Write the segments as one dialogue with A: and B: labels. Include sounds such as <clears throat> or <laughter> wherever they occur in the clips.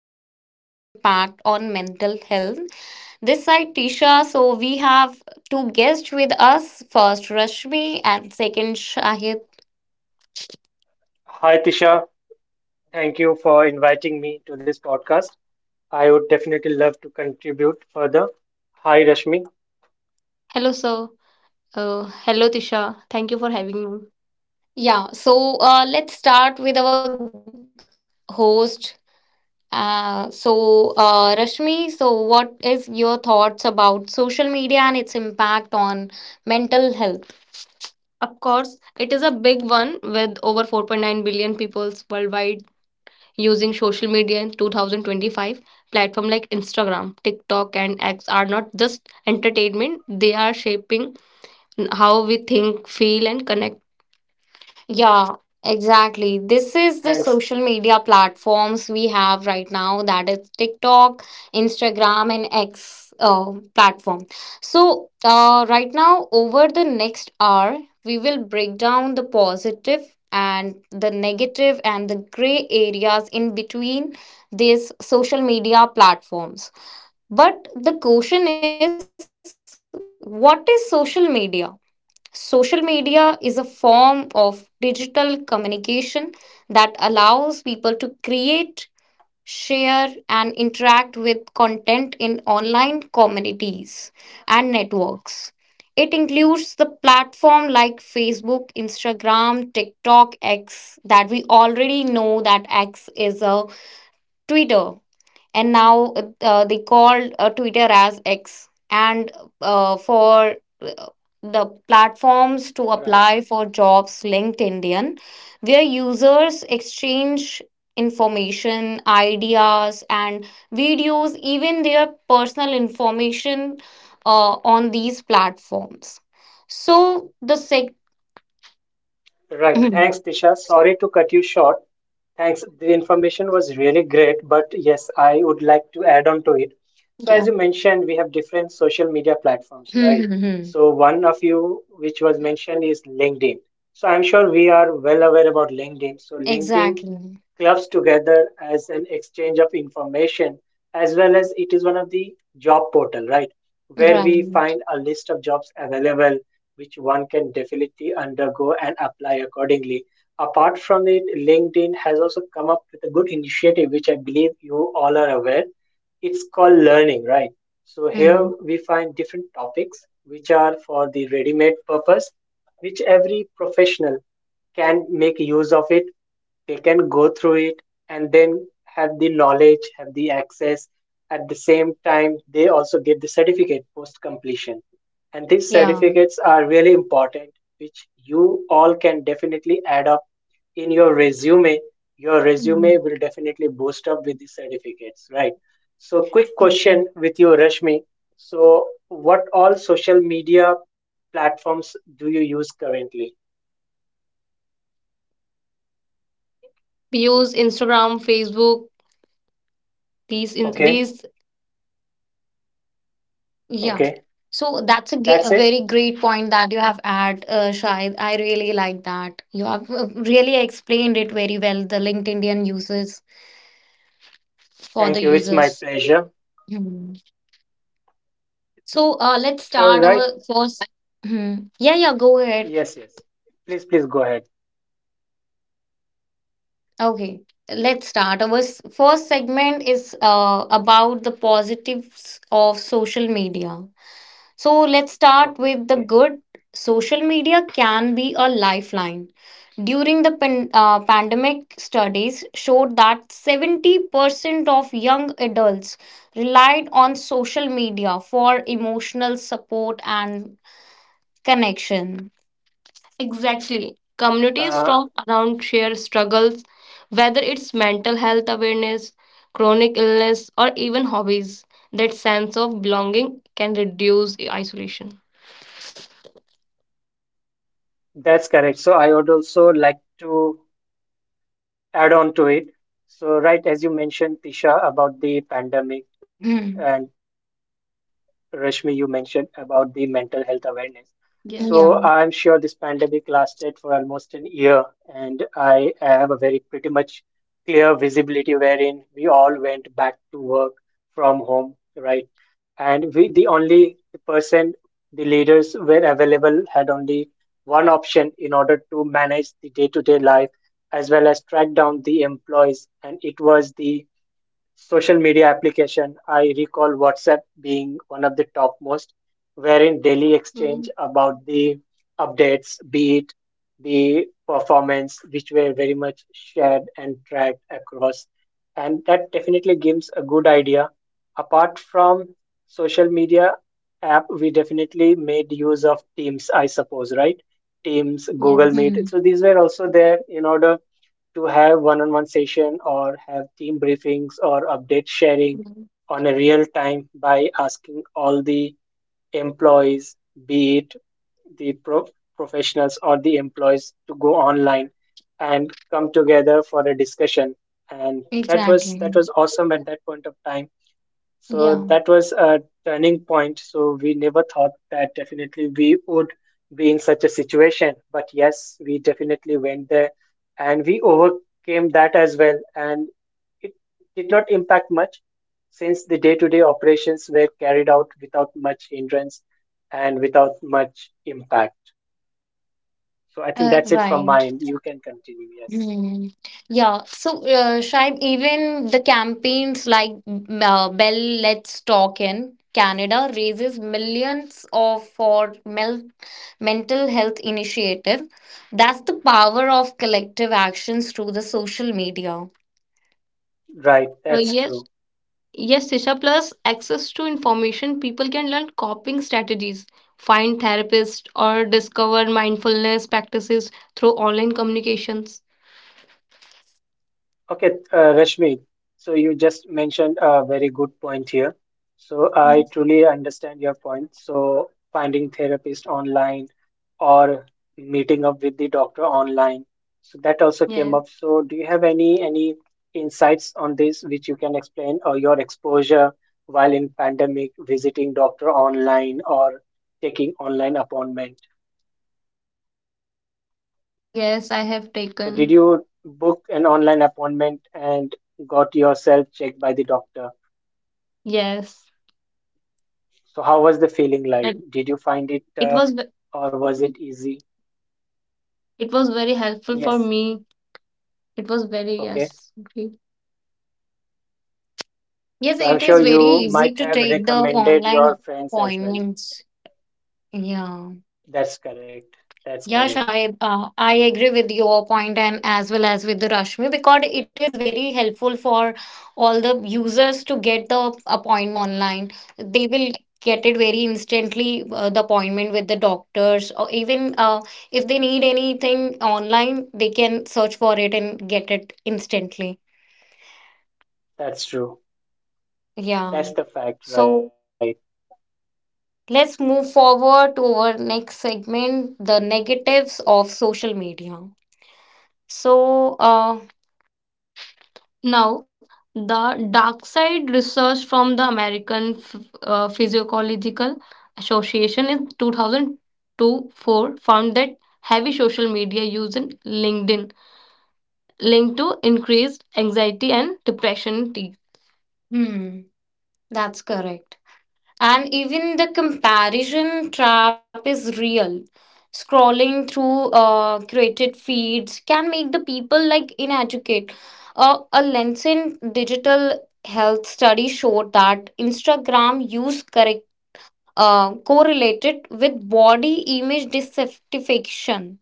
A: Media and Its Impact on Mental Health. This side Tisha, so we have two guests with us. First, Rashmi and second, Shahid.
B: Hi, Tisha. Thank you for inviting me to this podcast. I would definitely love to contribute further. Hi, Rashmi.
A: Hello, sir. Hello, Tisha. Thank you for having me. Yeah, so let's start with our host. Rashmi, so what is your thoughts about social media and its impact on mental health? Of course, it is a big over 4.9 billion people worldwide using social media in 2025. Platforms like Instagram, TikTok, and X are not just entertainment, they are shaping how we think, feel, and connect. Yeah, exactly. This is
B: Thanks.
A: the social media platforms we have right now, that is TikTok, Instagram, and X platform. So, right now, over the next hour, we will break down the positive and the negative and the gray areas in between these social media platforms. But the question is, what is social media? Social media is a form of digital communication that allows people to create, share, and interact with content in online communities and networks. It includes the platform like Facebook, Instagram, TikTok, X, that we already know that X is a Twitter, and now they called Twitter as X. And for uh, the platforms to
B: Right.
A: apply for jobs linked Indian, where users exchange information, ideas, and videos, even their personal information on these platforms. So the sec,
B: Right.
A: <clears throat> yeah,
B: Thanks, Tisha. Sorry to cut you short. Thanks. The information was really great, but yes, I would like to add on to it. So, as you mentioned, we have different social media platforms, right?
A: <laughs>
B: So, one of you which was mentioned is LinkedIn. So, I'm sure we are well aware about LinkedIn. So, LinkedIn
A: exactly,
B: clubs together as an exchange of information, as well as it is one of the job portal, right, where we
A: right,
B: find a list of jobs available, which one can definitely undergo and apply accordingly. Apart from it, LinkedIn has also come up with a good initiative, which I believe you all are aware. It's called Learning, right? So here
A: mhm,
B: we find different topics which are for the ready made purpose, which every professional can make use of. It, they can go through it, and then have the knowledge, have the access. At the same time they also get the certificate post completion, and
A: yeah,
B: these certificates are really important, which you all can definitely add up in your resume. Your resume will
A: mhm,
B: definitely boost up with the certificates, right? So quick question with
A: exactly.
B: you, Rashmi. So what all social media platforms do you use currently?
A: We use Instagram, Facebook, these.
B: Okay.
A: Yeah. So
B: Okay,
A: that's a, a very
B: that's
A: great
B: it.
A: point that you have add, Shahid. I really like that. You have really explained it very well, the LinkedIn uses for the
B: Thank you. It's
A: users.
B: my pleasure.
A: Hmm. So let's
B: Sure,
A: start
B: right?
A: our first. Hmm. Yeah, yeah, go ahead.
B: Yes, yes. Please, please go ahead.
A: Okay. Let's start. Our first segment is about the positives of social media. So let's start with the
B: Okay,
A: good. Social media can be a lifeline. During the pandemic, studies showed that 70% of young adults relied on social media for emotional support and connection. Exactly. Communities from
B: uh,
A: around share struggles, whether it's mental health awareness, chronic illness, or even hobbies. That sense of belonging can reduce isolation.
B: that's correct. So I would also like to add on to it. So, right, as you mentioned, Tisha, about the pandemic,
A: <clears throat>
B: and Rashmi, you mentioned about the mental health awareness.
A: Yes.
B: So,
A: Yeah.
B: I'm sure this pandemic lasted for almost an year, and I have a very pretty much clear visibility wherein we all went back to work from home, right? And we, the only person, the leaders were available, had only one option in order to manage the day to day life as well as track down the employees. And it was the social media application. I recall WhatsApp being one of the topmost,
A: Mm,
B: wherein daily exchange about the updates, be it the performance, which were very much shared and tracked across. And that definitely gives a good idea. Apart from social media app, we definitely made use of Teams, I suppose, right? Teams, Google
A: yes.
B: Meet. So
A: Mm.
B: these were also there in order to have one-on-one session or have team briefings or update sharing
A: Mm.
B: on a real time by asking all the employees, be it the professionals or the employees to go online and come together for a discussion. And that was
A: Exactly.
B: awesome at that point of time, so that
A: Yeah.
B: was a turning point. So we never thought that definitely we would be in such a situation. But yes, we definitely went there and we overcame that as well. And it did not impact much since the day to day operations were carried out without much hindrance and without much impact. So I think that's it from
A: Right.
B: my end. You can continue. Yes.
A: Hmm. Yeah. So, Shaib, even the campaigns like Bell Let's Talk in Canada raises millions of for mel mental health initiative. That's the power of collective through the social media.
B: Right. That's
A: Yes.
B: true.
A: Yes, Tisha, plus access to information, people can learn coping strategies, find therapists, or discover mindfulness practices through online communications.
B: Okay, Rashmi, so you just mentioned a very good point here. So I
A: Yes.
B: truly understand your point. So finding therapist online or meeting up with the doctor online. So that
A: Yeah.
B: also came up. So do you have any insights on this, which you can explain, or your exposure while in pandemic visiting doctor online or taking online appointment?
A: Yes, I have
B: So
A: taken.
B: did you book an online appointment and got yourself checked by the doctor?
A: Yes.
B: So how was the feeling like?
A: And
B: Did you find it
A: it
B: tough
A: was ve-
B: or was it easy?
A: It was very helpful for
B: Yes.
A: me. It was very
B: Okay.
A: yes. Great. Yes,
B: So I'm
A: it
B: sure
A: is very
B: you
A: easy
B: might
A: to
B: have
A: take the
B: recommended
A: online
B: your friends as well.
A: appointments. Yeah.
B: That's correct. That's
A: Yeah,
B: correct.
A: Shahid, I agree with your point and as well as with the Rashmi, because it is very helpful for all the users to get the appointment online. They will get it very instantly, the appointment with the doctors, or even if they need anything online, they can search it instantly.
B: That's true.
A: Yeah.
B: That's the fact,
A: So
B: right?
A: let's move forward to our next segment, the negatives of social media. So, now, the dark side research from the American Physiological Association in 2002 4 found that heavy social media use in LinkedIn linked to increased anxiety and depression. In, hmm, that's correct. And even the comparison trap is real. Scrolling through curated feeds can make the people like inadequate. A Lancet digital health study showed that Instagram use correct correlated with body image dissatisfaction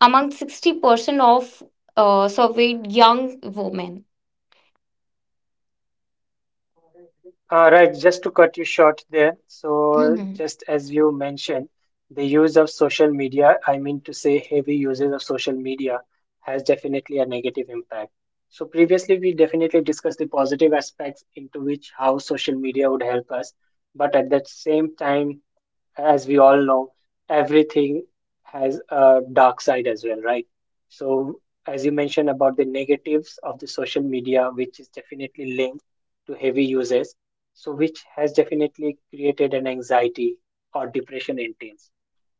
A: among 60% of surveyed young women.
B: Right, just to cut you short there. So, just
A: <laughs>
B: as you mentioned, the use of social media, I mean to say heavy usage of social media, has definitely a negative impact. So, previously we definitely discussed the positive aspects into which how social media would help us, but at that same time, as we all know, everything has a dark side as well, right? So, as you mentioned about the negatives of the social media, which is definitely linked to heavy users, so which has definitely created an anxiety or depression in teens.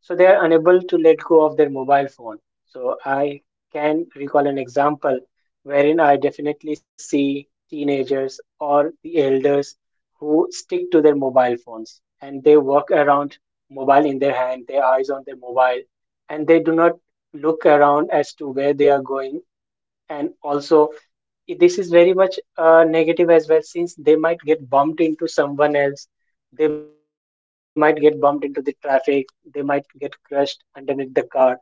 B: So, they are unable to let go of their mobile phone. So, I can recall an example wherein I definitely see teenagers or the elders who stick to their mobile phones and they walk around, mobile in their hand, their eyes on their mobile, and they do not look around as to where they are going. And also, this is very much negative as well, since they might get bumped into someone else, they might get bumped into the traffic, they might get crushed underneath the car.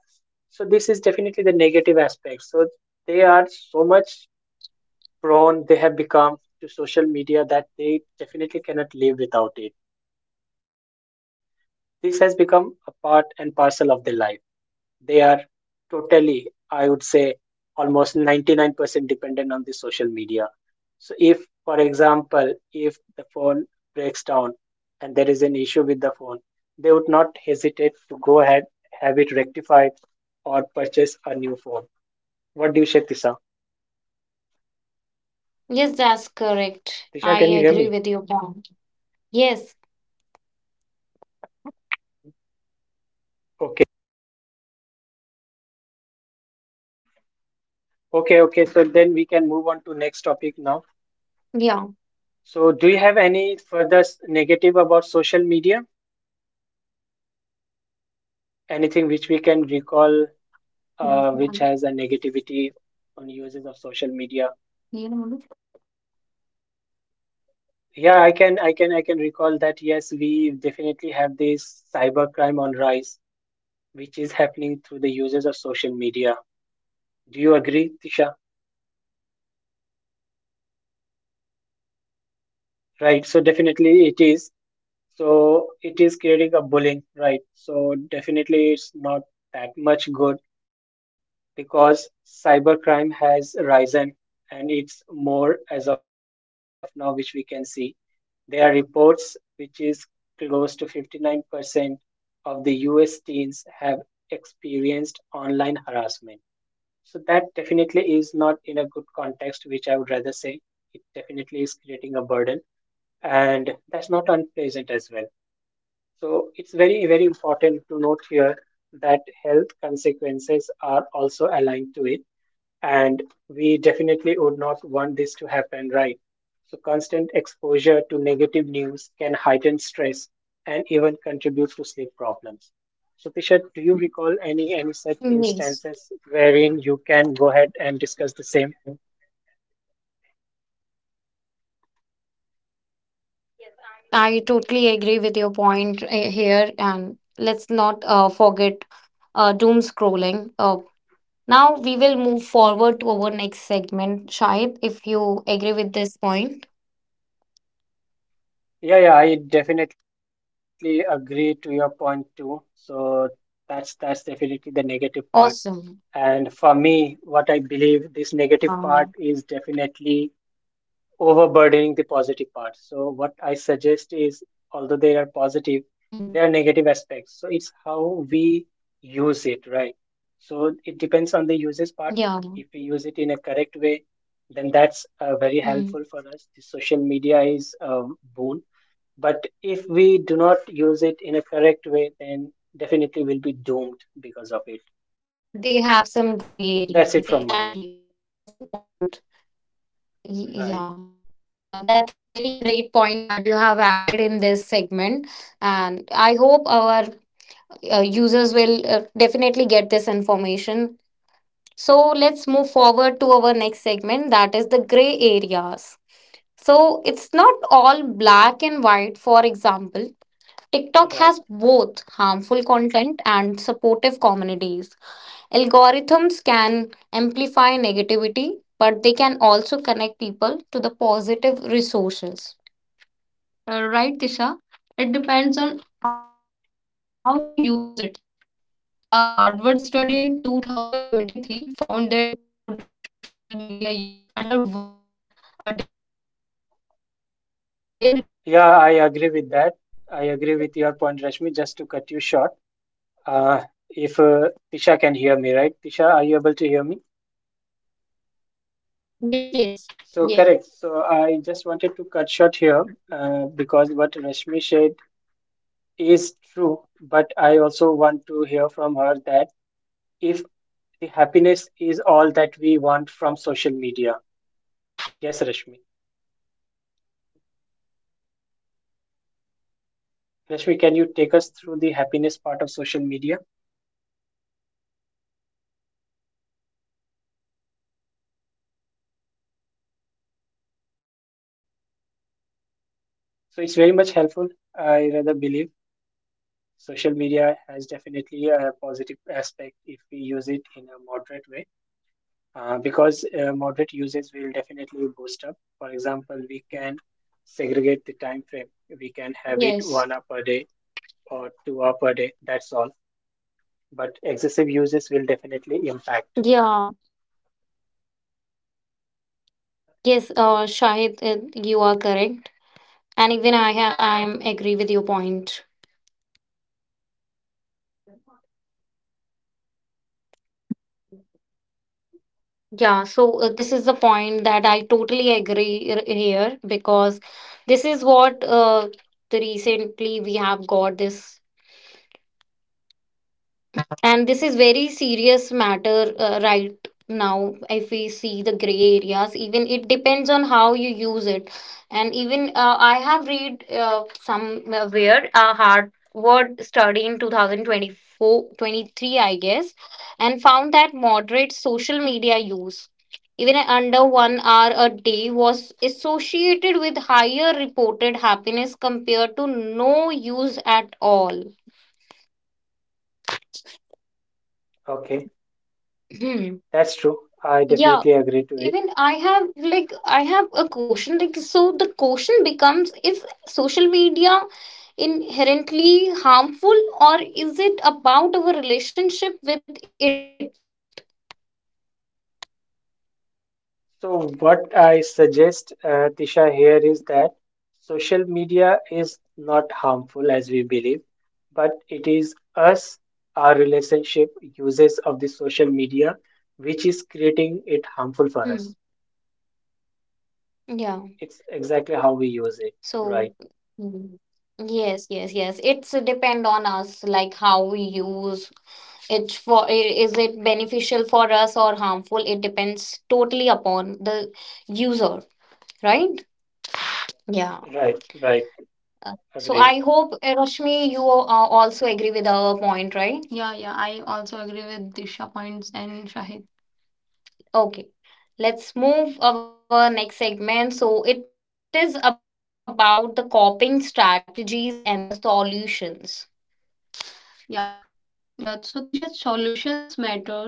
B: So, this is definitely the negative aspect. So, they are so much prone, they have become to social media that they definitely cannot live without it. This has become a part and parcel of their life. They are totally, I would say, almost 99% dependent on the social media. So, if, for example, if the phone breaks down and there is an issue with the phone, they would not hesitate to go ahead, have it rectified, or purchase a new phone. What do you say, Tisha? Tisha,
A: Yes,
B: can you
A: that's
B: hear me?
A: correct. I agree with you. Point. Yes.
B: Okay. Okay, okay. So then we can move on to next topic now. So, do you have
A: Yeah.
B: any further negative about social media? Anything which we can recall, which has a negativity
A: Yes.
B: on uses of social media?
A: Yes.
B: Yeah, I can recall that. Yes, we definitely have this cybercrime on rise, which is happening through the uses of social media. Do you agree, Tisha?
A: Yes. Yes, I totally agree with your point.
B: Right, so definitely it is. So it is creating a bullying, right? So definitely it's not
A: Yeah.
B: that much good because cybercrime
A: Yes.
B: has risen and it's more as of now, which we can see. There are reports which is close to 59% of the US teens have experienced online harassment. So that definitely is not in a good context, which I would rather say it definitely is creating a burden, and that's not unpleasant as well. So it's very, very important to note here that health consequences are also aligned to it, and we definitely would not want this to happen, right? So constant exposure to negative news can heighten stress and even contribute to sleep problems. So Tisha, do you recall any such
A: Yes.
B: instances wherein you can go ahead and discuss the same?
A: Yes, I totally agree with your point here. And let's not forget doom scrolling. Now we will move forward to our next segment, Shahid, if you agree with this point.
B: Yeah, yeah, I definitely agree to your point too. So that's definitely the negative part.
A: Awesome.
B: And for me, what I believe this
A: Yeah.
B: negative part is
A: Hmm.
B: definitely overburdening the positive part. So what I suggest is, although there are
A: Hmm.
B: positive, there are negative aspects. So it's how we use it, right? So it depends on the uses part.
A: Yeah.
B: If we use it in a correct way, then that's very helpful for
A: Hmm.
B: us. The social media is a boon, but if we do not use it in a correct way, then definitely we'll be doomed because of it.
A: They have some gray areas.
B: That's it from my end.
A: Exactly. That's the point. Yeah.
B: Right,
A: Yeah, that's a very great point that you have added in this segment. And I hope our users will definitely get this information. So let's move forward to our next segment, that is the gray areas. So it's not all black and white, for example. TikTok has
B: right.
A: both harmful content and supportive communities. Algorithms can amplify negativity, but they can also connect people to the positive resources. Right, Tisha? It depends on how you use it. A Harvard study in 2023 found that moderate social media use under 1 hour a day was associated with higher reported
B: Yeah,
A: happiness.
B: I
A: Com-,
B: agree with that. I agree with your point, Rashmi. Just to cut you short, uh, if Tisha can hear me, right? Tisha, are you able to hear me?
A: yes, yes. Yeah.
B: So, correct. So, I just wanted to cut short here because what Rashmi said is true, but I also want to hear from her that if the happiness is all that we want from social media. Yes, Rashmi. Rashmi, can you take us through the happiness part of social media? So it's very much helpful. I rather believe social media has definitely a positive aspect if we use it in a moderate way, because moderate usage will definitely boost up. For example, we can segregate the time frame. We can
A: Yes,
B: have it 1 hour per day or 2 hour per day. That's all.
A: yeah,
B: But excessive uses will definitely impact.
A: yes, Shahid, you are correct, and even I am agree with your point. Yeah, so this is the point that I totally agree here, because this is what the recently we have got this, and this is very serious matter right now. If we see the gray areas, even it depends on how you use it. And even I have read somewhere a Harvard study in 2024 twenty three, I guess, and found that moderate social media use even under 1 hour a day was associated with higher reported happiness compared to no use at all.
B: Okay.
A: <clears throat>
B: That's true. I
A: Yeah,
B: definitely agree to it.
A: even I have like I have a question like, so the question becomes, is social media inherently harmful, or is it about our relationship with it?
B: So, what I suggest, Tisha, here is that social media is not harmful as we believe, but it is us, our relationship, uses of the social media, which is creating it harmful
A: Hmm.
B: for us.
A: Yeah,
B: It's exactly how we use it.
A: so.
B: Right,
A: Hmm. Yes, yes, yes, it's depend on us, like how we use it for, is it beneficial for us or harmful? It depends totally upon the, right, yeah.
B: right, right.
A: Uh, So
B: Agreed.
A: I hope, Rashmi, you also agree with our point, right? Yeah, Shahid. Okay, let's move our next segment. So it is about the coping strategies and the solutions. Yeah, yeah, there's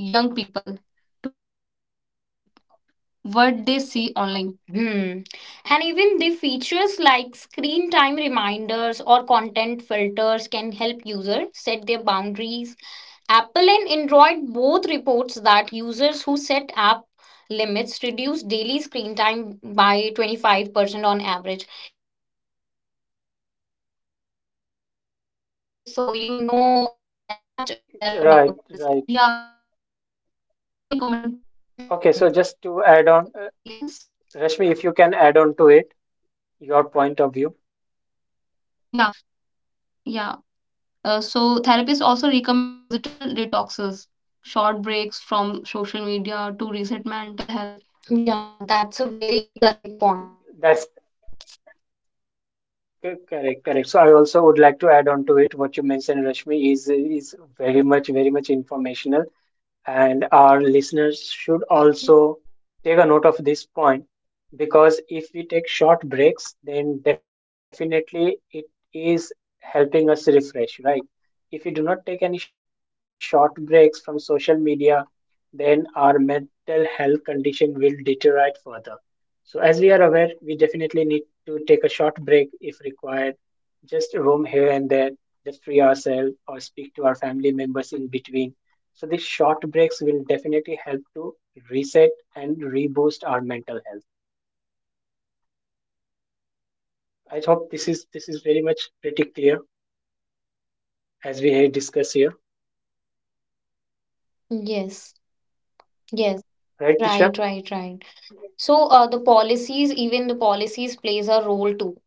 A: people to create value. Hmm. And even the features like screen time reminders or content filters can help users set their boundaries. Apple and Android both reports that users who set app limits reduce daily screen time by 25% on average. If you are a Apple user, Rashmi, I guess, so, so you know and much aware about
B: Right,
A: this.
B: right.
A: Yeah, and therapists also recommend.
B: Okay,
A: Hmm.
B: so just to add on,
A: Yes.
B: Rashmi, if you can add on to it, your point of view.
A: Yeah. Yeah. So therapists also recommend digital detoxes, short breaks from social media to reset mental health. Yeah, that's a very correct point.
B: That's correct, correct. So I also would like to add on to it. What you mentioned, Rashmi, is very much, very much informational. And our listeners should
A: Yeah.
B: also take a note of this point, because if we take short breaks, then definitely it is helping us refresh, right? If we do not take any short breaks from social media, then our mental health condition will deteriorate further. So, as we are aware, we definitely need to take a short break if required, just roam here and there, just free ourselves or speak to our family members in between, so these short breaks will definitely help to reset and reboost our mental health. I hope this is very much pretty clear, as we had discussed here,
C: Yes, yes, right, right,
B: right,
C: right.
B: Disha?
C: So the policies, even the policies plays a role too.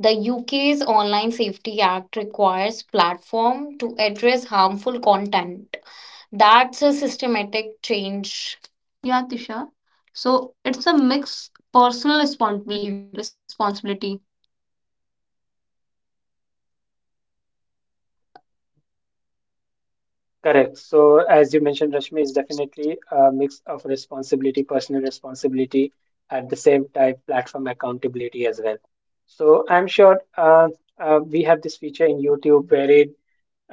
C: The UK's Online Safety Act requires platform to address harmful content. That's a systematic change. Yeah, Tisha. So it's a mix personal responsibility
B: Correct. So as you mentioned, Rashmi, is definitely a mix of responsibility, personal responsibility, at the same time platform accountability as well. So I'm sure we have this feature in YouTube wherein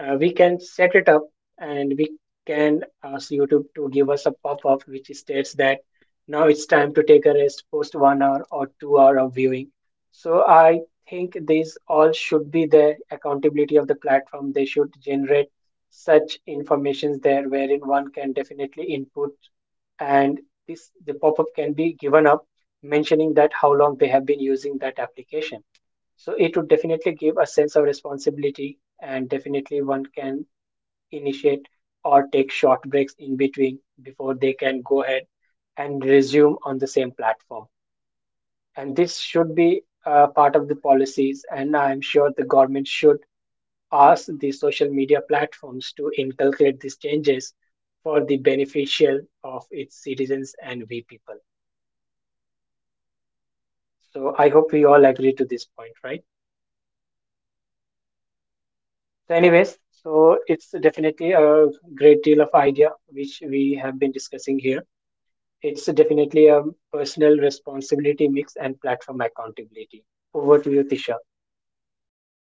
B: we can set it up, and we can ask YouTube to give us a pop-up which states that now it's time to take a rest post 1 hour or 2 hour of viewing. So I think these all should be the accountability of the platform. They should generate such informations there wherein one can definitely input, and this, the pop-up can be given up mentioning that how long they have been using that application. So it would definitely give a sense of responsibility, and definitely one can initiate or take short breaks in between before they can go ahead and resume on the same platform. And this should be part of the policies, and I'm sure the government should ask the social media platforms to inculcate these changes for the beneficial of its citizens and we people. So I hope we all agree to this point, right? So, anyways, so it's definitely a great deal of idea which we have been discussing here. It's definitely a personal responsibility mix and platform accountability. Over to you, Tisha.